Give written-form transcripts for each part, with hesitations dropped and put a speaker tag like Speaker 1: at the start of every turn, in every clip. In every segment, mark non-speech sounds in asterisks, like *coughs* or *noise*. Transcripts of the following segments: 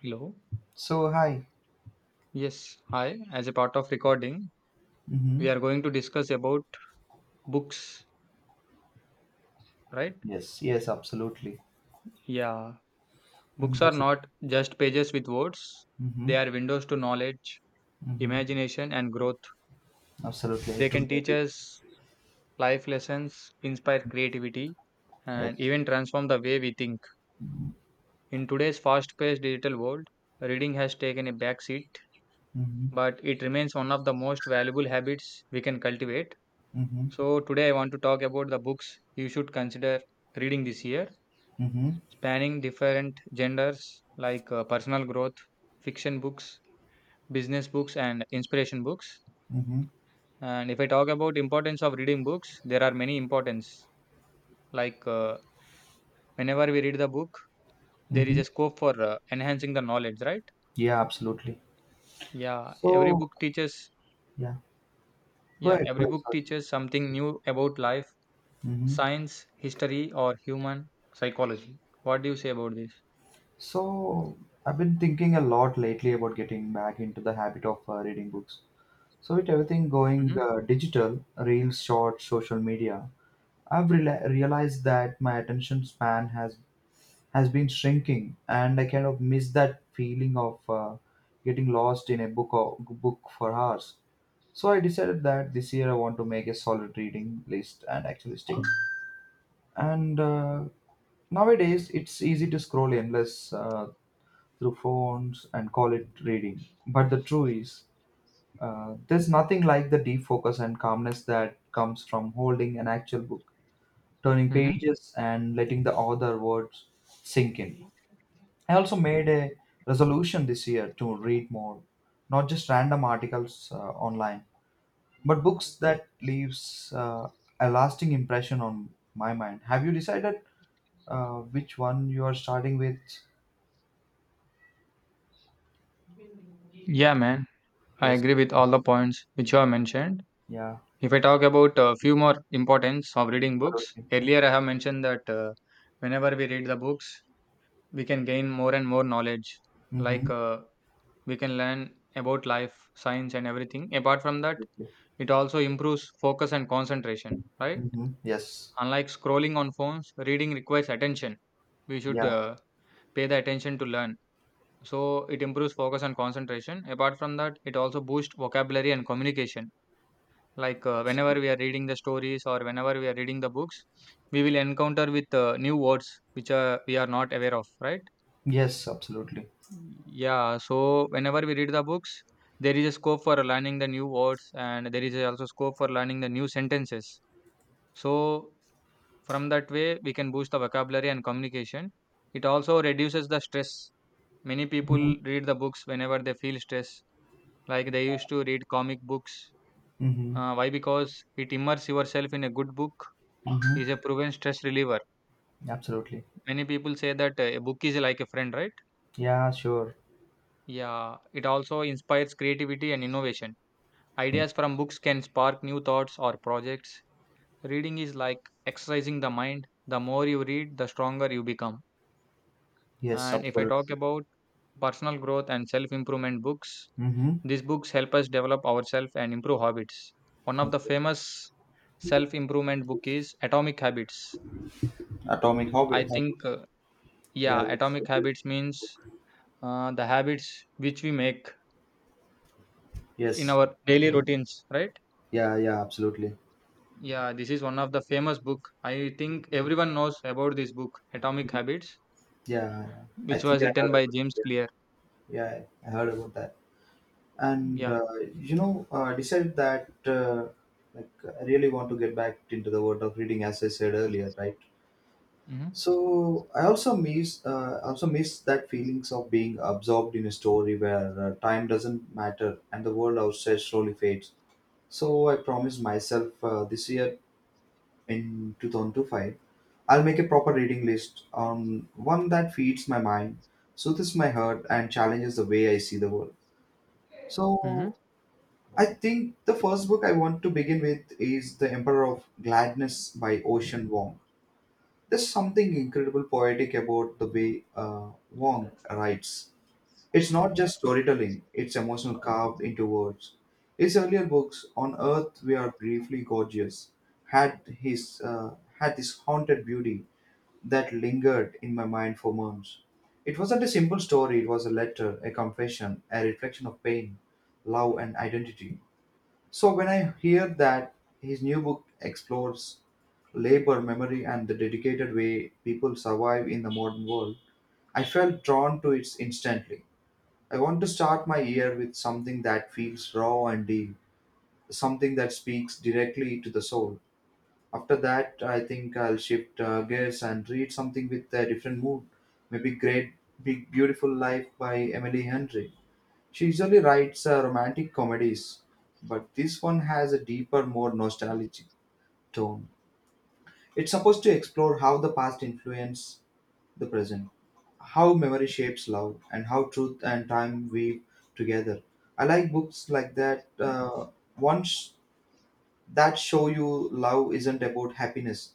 Speaker 1: Hello.
Speaker 2: So hi.
Speaker 1: Yes. Hi. As a part of recording,
Speaker 2: Mm-hmm.
Speaker 1: we are going to discuss about books, right?
Speaker 2: Yes, yes, absolutely.
Speaker 1: Yeah.
Speaker 2: And
Speaker 1: Books are
Speaker 2: that's it.
Speaker 1: not just pages with words.
Speaker 2: Mm-hmm.
Speaker 1: They are windows to knowledge,
Speaker 2: Mm-hmm.
Speaker 1: imagination, and growth.
Speaker 2: Absolutely, I
Speaker 1: They can
Speaker 2: truly
Speaker 1: teach
Speaker 2: agree.
Speaker 1: us life lessons, inspire creativity,
Speaker 2: Yes.
Speaker 1: and even transform the way we think. In today's fast-paced digital world, reading has taken a back seat,
Speaker 2: Mm-hmm.
Speaker 1: but it remains one of the most valuable habits we can cultivate.
Speaker 2: Mm-hmm.
Speaker 1: So today I want to talk about the books you should consider reading this year,
Speaker 2: Mm-hmm.
Speaker 1: spanning different genders like personal growth, fiction books, business books and inspiration books.
Speaker 2: Mm-hmm.
Speaker 1: And if I talk about importance of reading books, there are many importance like whenever we read the book, there is
Speaker 2: Mm-hmm.
Speaker 1: a scope for enhancing the knowledge, right?
Speaker 2: Yeah, absolutely.
Speaker 1: Yeah, every
Speaker 2: So
Speaker 1: book teaches
Speaker 2: Yeah.
Speaker 1: yeah,
Speaker 2: Go
Speaker 1: every
Speaker 2: ahead,
Speaker 1: book
Speaker 2: sorry.
Speaker 1: teaches something new about life,
Speaker 2: Mm-hmm.
Speaker 1: science, history or human psychology. What do you say about this?
Speaker 2: So I've been thinking a lot lately about getting back into the habit of reading books. So with everything going
Speaker 1: Mhm.
Speaker 2: digital, reels, short, social media, I've realized that my attention span has been shrinking, and I kind of miss that feeling of getting lost in a book or book for hours. So I decided that this year I want to make a solid reading list and actually stick. And Nowadays it's easy to scroll endless through phones and call it reading. But the truth is, there's nothing like the deep focus and calmness that comes from holding an actual book, turning
Speaker 1: Mhm.
Speaker 2: pages, and letting the author words sink in. I also made a resolution this year to read more, not just random articles online, but books that leaves a lasting impression on my mind. Have you decided which one you are starting with?
Speaker 1: Yeah, man, I
Speaker 2: Yes.
Speaker 1: agree with all the points which you have mentioned.
Speaker 2: Yeah.
Speaker 1: If I talk about a few more importance of reading books,
Speaker 2: Absolutely.
Speaker 1: earlier I have mentioned that whenever we read the books, we can gain more and more knowledge. Like
Speaker 2: Mm-hmm.
Speaker 1: we can learn about life, science, and everything. Apart from that,
Speaker 2: Absolutely.
Speaker 1: it also improves focus and concentration, right?
Speaker 2: Mm-hmm. Yes.
Speaker 1: Unlike scrolling on phones, reading requires attention. We should
Speaker 2: Yeah.
Speaker 1: pay the attention to learn. So it improves focus and concentration. Apart from that, it also boosts vocabulary and communication. Like, whenever
Speaker 2: Absolutely.
Speaker 1: we are reading the stories or whenever we are reading the books, we will encounter with new words which we are not aware of, right?
Speaker 2: Yes. Absolutely.
Speaker 1: Yeah, so whenever we read the books, there is a scope for learning the new words and there is also scope for learning the new sentences. So, from that way, we can boost the vocabulary and communication. It also reduces the stress. Many
Speaker 2: Mm-hmm.
Speaker 1: people read the books whenever they feel stress, like they used to read comic books.
Speaker 2: Mm-hmm.
Speaker 1: Why? Because it immerses yourself in a good book,
Speaker 2: Mm-hmm.
Speaker 1: is a proven stress reliever.
Speaker 2: Absolutely.
Speaker 1: Many people say that a book is like a friend, right?
Speaker 2: Yeah. Sure.
Speaker 1: Yeah, it also inspires creativity and innovation. Ideas from books can spark new thoughts or projects. Reading is like exercising the mind. The more you read, the stronger you become.
Speaker 2: Yes.
Speaker 1: And if I talk
Speaker 2: Absolutely.
Speaker 1: about personal growth and self improvement books,
Speaker 2: Mm-hmm.
Speaker 1: these books help us develop ourselves and improve habits. One of the
Speaker 2: Okay.
Speaker 1: famous self improvement book is Atomic Habits.
Speaker 2: Atomic
Speaker 1: I
Speaker 2: hobby.
Speaker 1: think,
Speaker 2: Yeah,
Speaker 1: yeah,
Speaker 2: that's
Speaker 1: Atomic
Speaker 2: a
Speaker 1: Habits
Speaker 2: beautiful.
Speaker 1: means the habits which we make in
Speaker 2: Yes.
Speaker 1: our daily routines, right?
Speaker 2: Yeah. Yeah. Absolutely.
Speaker 1: Yeah, this is one of the famous book. I think everyone knows about this book Atomic Habits,
Speaker 2: Yeah. Yeah. I
Speaker 1: which
Speaker 2: think
Speaker 1: was
Speaker 2: I heard
Speaker 1: written by
Speaker 2: about it.
Speaker 1: James
Speaker 2: Yeah.
Speaker 1: Clear.
Speaker 2: Yeah, I heard about that. And
Speaker 1: Yeah.
Speaker 2: you know, decided that like I really want to get back into the world of reading, as I said earlier, right?
Speaker 1: Mm-hmm.
Speaker 2: So I also miss that feelings of being absorbed in a story where time doesn't matter and the world outside slowly fades. So I promised myself this year in 2025 I'll make a proper reading list, one that feeds my mind, soothes my heart, and challenges the way I see the world.
Speaker 1: Mm-hmm.
Speaker 2: So I think the first book I want to begin with is The Emperor of Gladness by Ocean Wong. There's something incredible poetic about the way Wong writes. It's not just storytelling, it's emotional carved into words. His earlier books, On Earth We Are Briefly Gorgeous, had this haunted beauty that lingered in my mind for months. It wasn't a simple story, it was a letter, a confession, a reflection of pain, love, and identity. So when I hear that his new book explores labor, memory, and the dedicated way people survive in the modern world, I felt drawn to it instantly. I want to start my year with something that feels raw and deep, something that speaks directly to the soul. After that, I think I'll shift gears and read something with a different mood. Maybe Great Big Beautiful Life by Emily Henry. She usually writes romantic comedies, but this one has a deeper, more nostalgic tone. It's supposed to explore how the past influences the present, how memory shapes love, and how truth and time weave together. I like books like that. Once that show you love isn't about happiness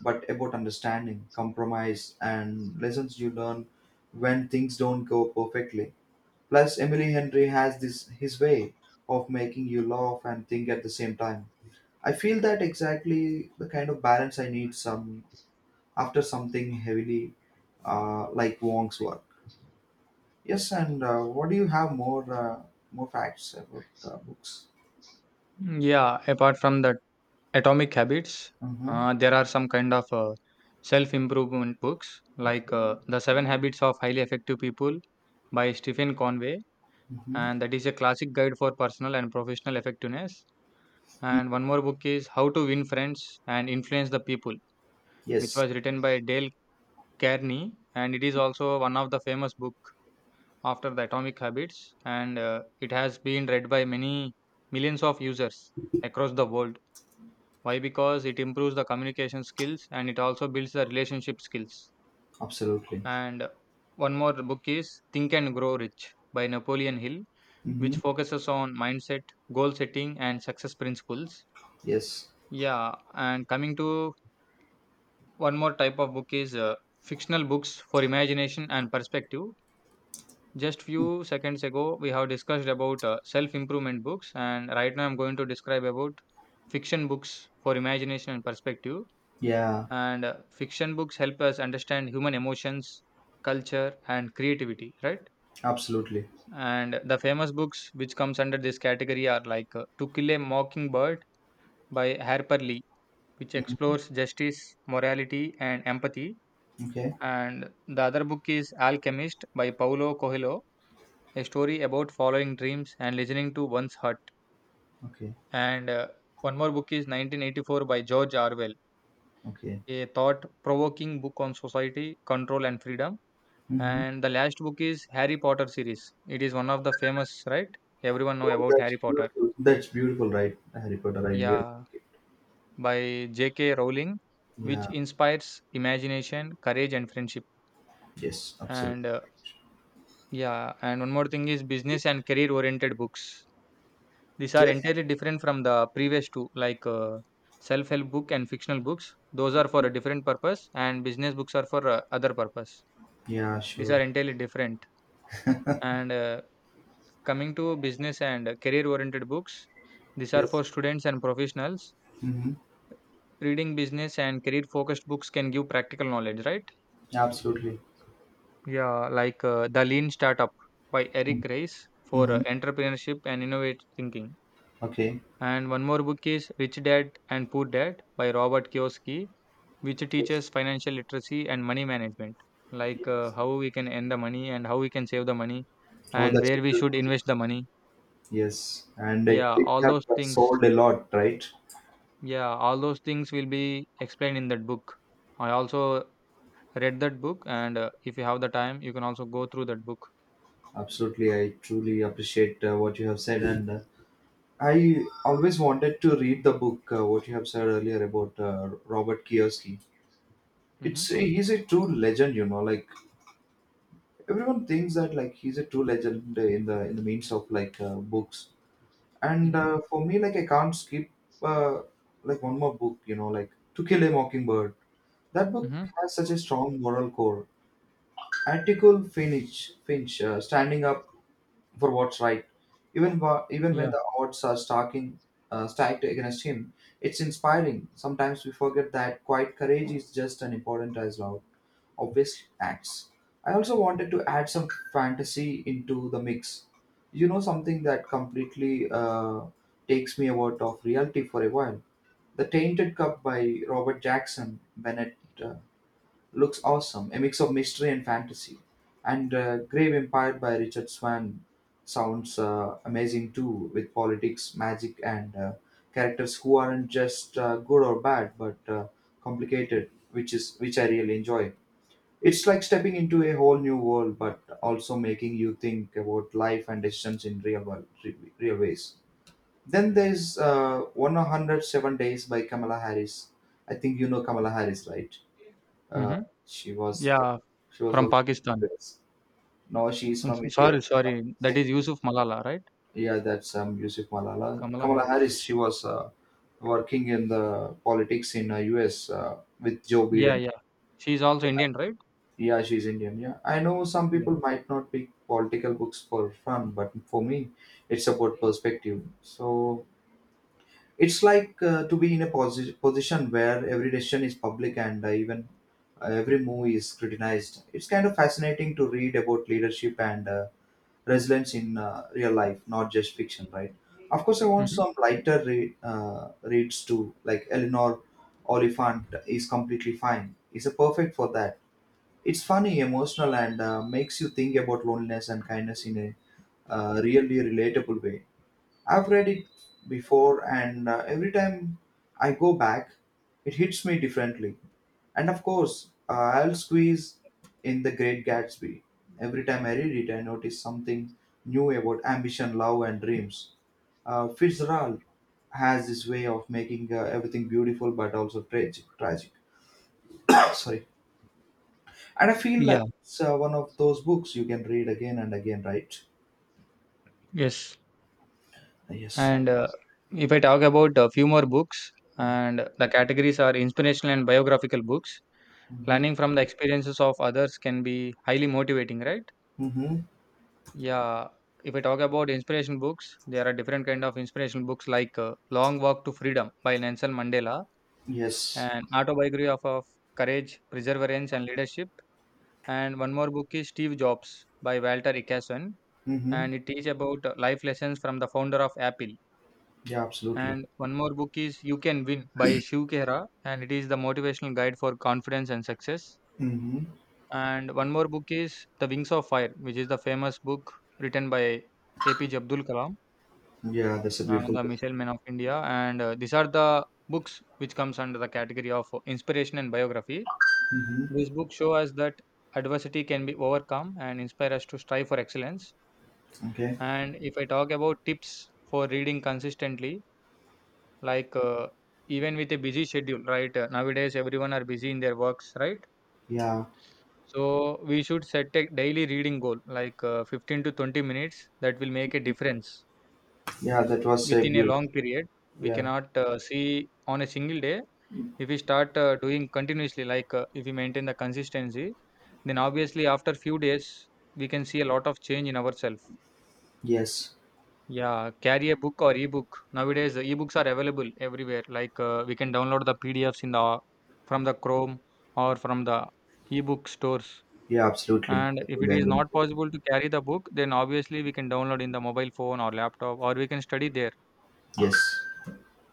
Speaker 2: but about understanding compromise and lessons you learn when things don't go perfectly, plus Emily Henry has this his way of making you laugh and think at the same time. I feel that exactly the kind of balance I need some after something heavily, like Wong's work. Yes, and what do you have more more facts about books?
Speaker 1: Yeah, apart from that Atomic Habits,
Speaker 2: Mm-hmm.
Speaker 1: there are some kind of self improvement books
Speaker 2: Okay.
Speaker 1: like The Seven Habits of Highly Effective People by Stephen Conway,
Speaker 2: Mm-hmm.
Speaker 1: and that is a classic guide for personal and professional effectiveness.
Speaker 2: Mm,
Speaker 1: And one more book is How to Win Friends and Influence the People, which
Speaker 2: yes,
Speaker 1: was written by Dale Carnegie, and it is also one of the famous book after the Atomic Habits, and it has been read by many millions of users across the world. Why? Because it improves the communication skills and it also builds the relationship skills.
Speaker 2: absolutely.
Speaker 1: And one more book is Think and Grow Rich by Napoleon Hill, which
Speaker 2: Mhm.
Speaker 1: focuses on mindset, goal setting, and success principles.
Speaker 2: Yes.
Speaker 1: Yeah, and coming to one more type of book is fictional books for imagination and perspective. Just few seconds ago, we have discussed about self-improvement books, and right now I'm going to describe about fiction books for imagination and perspective.
Speaker 2: Yeah.
Speaker 1: And fiction books help us understand human emotions, culture, and creativity, right?
Speaker 2: Absolutely.
Speaker 1: And the famous books which comes under this category are like To Kill a Mockingbird by Harper Lee, which
Speaker 2: Mhm.
Speaker 1: explores justice, morality, and empathy.
Speaker 2: Okay.
Speaker 1: And the other book is Alchemist by Paulo Coelho, a story about following dreams and listening to one's heart.
Speaker 2: Okay.
Speaker 1: And one more book is 1984 by George Orwell,
Speaker 2: Okay.
Speaker 1: a thought provoking book on society, control, and freedom.
Speaker 2: Hmm.
Speaker 1: And the last book is Harry Potter series. It is one of the famous, right? Everyone know
Speaker 2: Oh,
Speaker 1: about
Speaker 2: that's
Speaker 1: Harry Potter.
Speaker 2: beautiful. That's beautiful, right? Harry Potter. I really like
Speaker 1: Yeah,
Speaker 2: it.
Speaker 1: by J.K. Rowling, which
Speaker 2: Yeah.
Speaker 1: inspires imagination, courage, and friendship.
Speaker 2: Yes. Absolutely.
Speaker 1: And yeah, and one more thing is business and career oriented books. These are
Speaker 2: Yes.
Speaker 1: entirely different from the previous two, like self-help book and fictional books. Those are for a different purpose, and business books are for other purpose.
Speaker 2: Yeah.
Speaker 1: These are
Speaker 2: Sure.
Speaker 1: entirely different. And coming to business and career-oriented books, these are
Speaker 2: Yes.
Speaker 1: for students and professionals.
Speaker 2: Mm-hmm.
Speaker 1: Reading business and career-focused books can give practical knowledge, right?
Speaker 2: Absolutely.
Speaker 1: Yeah, like The Lean Startup by Eric Rice for
Speaker 2: Mm-hmm.
Speaker 1: entrepreneurship and innovative thinking.
Speaker 2: Okay.
Speaker 1: And one more book is Rich Dad and Poor Dad by Robert Kiyosaki, which
Speaker 2: Yes.
Speaker 1: teaches financial literacy and money management, like
Speaker 2: Yes.
Speaker 1: how we can earn the money and how we can save the money
Speaker 2: Oh,
Speaker 1: and
Speaker 2: that's
Speaker 1: where
Speaker 2: so
Speaker 1: we should
Speaker 2: beautiful.
Speaker 1: invest the money.
Speaker 2: Yes, and it,
Speaker 1: Yeah,
Speaker 2: it
Speaker 1: all
Speaker 2: have
Speaker 1: those things.
Speaker 2: sold a lot, right?
Speaker 1: Yeah, all those things will be explained in that book. I also read that book, and if you have the time, you can also go through that book.
Speaker 2: Absolutely, I truly appreciate what you have said, and I always wanted to read the book what you have said earlier about Robert Kiyosaki.
Speaker 1: Mm-hmm.
Speaker 2: It's He's a true legend, you know. Like everyone thinks that like he's a true legend in the means of books. And
Speaker 1: Mm-hmm.
Speaker 2: For me, I can't skip uh, one more book, you know, like To Kill a Mockingbird. That book
Speaker 1: Mm-hmm.
Speaker 2: has such a strong moral core. Atticus Finch, standing up for what's right. Even when
Speaker 1: Yeah.
Speaker 2: the odds are stacking stacked against him, it's inspiring. Sometimes we forget that quiet courage is just as important as loud, obvious acts. I also wanted to add some fantasy into the mix. You know, something that completely takes me out of reality for a while. The Tainted Cup by Robert Jackson Bennett uh, looks awesome, a mix of mystery and fantasy. And Grave Empire by Richard Swan sounds amazing too, with politics, magic, and characters who aren't just good or bad, but complicated, which I really enjoy. It's like stepping into a whole new world, but also making you think about life and decisions in real world, real ways. Then there's 107 Days by Kamala Harris. I think you know Kamala Harris, right? Uh,
Speaker 1: Mm-hmm.
Speaker 2: she was the,
Speaker 1: Yeah,
Speaker 2: she was
Speaker 1: from
Speaker 2: working in
Speaker 1: Pakistan.
Speaker 2: US. Now she is
Speaker 1: Mm,
Speaker 2: from India.
Speaker 1: sorry, sorry. That is Yusuf Malala, right?
Speaker 2: Yeah, that's Yusuf Malala.
Speaker 1: Kamala
Speaker 2: Kamala
Speaker 1: Harris.
Speaker 2: Harris, she was working in the politics in US with Joe
Speaker 1: Yeah,
Speaker 2: Biden.
Speaker 1: yeah. She is also Indian, right?
Speaker 2: Yeah, she's Indian. Yeah, I know some
Speaker 1: Yeah.
Speaker 2: people might not pick political books for fun, but for me, it's about perspective. So it's like to be in a position where every decision is public and even every move is criticized. It's kind of fascinating to read about leadership and resilience in real life, not just fiction, right? Of course, I want
Speaker 1: Mm-hmm.
Speaker 2: some lighter reads too, like Eleanor Oliphant is completely fine. It's a perfect for that. It's funny, emotional, and makes you think about loneliness and kindness in a really relatable way. I've read it before, and every time I go back, it hits me differently. And of course, I'll squeeze in The Great Gatsby. Every time I read it, I notice something new about ambition, love, and dreams. Fitzgerald has this way of making everything beautiful but also tragic. *coughs* Sorry. And I feel like
Speaker 1: Yeah.
Speaker 2: it's one of those books you can read again and again, right?
Speaker 1: Yes,
Speaker 2: Yes.
Speaker 1: and if I talk about a few more books,
Speaker 2: Mm-hmm.
Speaker 1: and the categories are inspirational and biographical books.
Speaker 2: Mm-hmm.
Speaker 1: Learning from the experiences of others can be highly motivating, right?
Speaker 2: Mm-hmm.
Speaker 1: Yeah. If I talk about inspiration books, there are different kind of inspirational books like Long Walk to Freedom by Nelson Mandela,
Speaker 2: Yes.
Speaker 1: and autobiography of courage, perseverance, and leadership. And one more book is Steve Jobs by Walter Isaacson,
Speaker 2: Mm-hmm.
Speaker 1: and it teaches about life lessons from the founder of Apple.
Speaker 2: Yeah, absolutely.
Speaker 1: And one more book is You Can Win by Shiv Khera, and it is the motivational guide for confidence and success.
Speaker 2: Mm-hmm.
Speaker 1: And one more book is The Wings of Fire, which is the famous book written by APJ Abdul Kalam,
Speaker 2: Yeah, that's a beautiful.
Speaker 1: the missile man of India. And these are the books which comes under the category of inspiration and biography.
Speaker 2: Mm-hmm.
Speaker 1: These books show us that adversity can be overcome and inspire us to strive for excellence.
Speaker 2: Okay.
Speaker 1: And if I talk about tips for reading consistently, like, even with a busy schedule, right? Nowadays, everyone are busy in their works, right?
Speaker 2: Yeah.
Speaker 1: So we should set a daily reading goal, like 15 to 20 minutes. That will make a difference
Speaker 2: Yeah, that was a
Speaker 1: within a
Speaker 2: beautiful.
Speaker 1: long period. We
Speaker 2: Yeah.
Speaker 1: cannot see on a single day. If we start doing continuously, like if we maintain the consistency, then obviously after few days we can see a lot of change in ourselves.
Speaker 2: Yes.
Speaker 1: Yeah, carry a book or ebook. Nowadays, the ebooks are available everywhere. Like we can download the PDFs in the from the Chrome or from the ebook stores.
Speaker 2: Yeah, absolutely.
Speaker 1: And
Speaker 2: I
Speaker 1: if it
Speaker 2: totally
Speaker 1: is
Speaker 2: agree with
Speaker 1: not
Speaker 2: you.
Speaker 1: possible to carry the book, then obviously we can download in the mobile phone or laptop, or we can study there.
Speaker 2: Yes.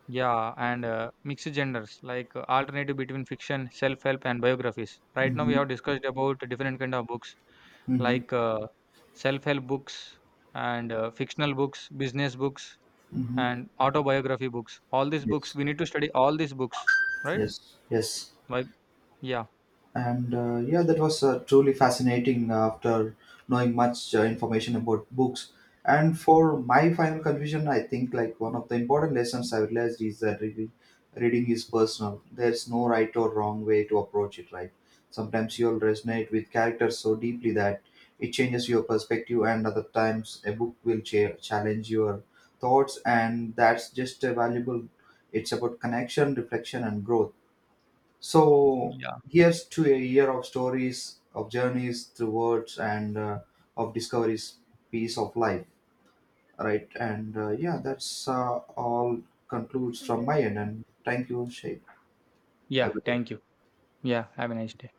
Speaker 1: Yeah, and mixed genders like alternative between fiction, self-help, and biographies. Right now, we
Speaker 2: Mm-hmm.
Speaker 1: have discussed about different kind of books
Speaker 2: Mm-hmm.
Speaker 1: like self-help books and fictional books, business books,
Speaker 2: Mm-hmm.
Speaker 1: and autobiography books. All these books
Speaker 2: Yes.
Speaker 1: we need to study, all these books, right?
Speaker 2: Yes. Yes.
Speaker 1: Why? Yeah.
Speaker 2: And yeah, that was truly fascinating after knowing much information about books. And for my final conclusion, I think like one of the important lessons I realized is that reading is personal. There's no right or wrong way to approach it, right? Sometimes you'll resonate with characters so deeply that it changes your perspective, and other times a book will challenge your thoughts, and that's just a valuable. It's about connection, reflection, and growth. So here's to a year of stories, of journeys through words, and of discoveries, piece of life, right? And yeah, that's all concludes from my end.
Speaker 1: Yeah,
Speaker 2: And thank you, Shay. Have a
Speaker 1: yeah,
Speaker 2: good day.
Speaker 1: thank you. Yeah, have a nice day.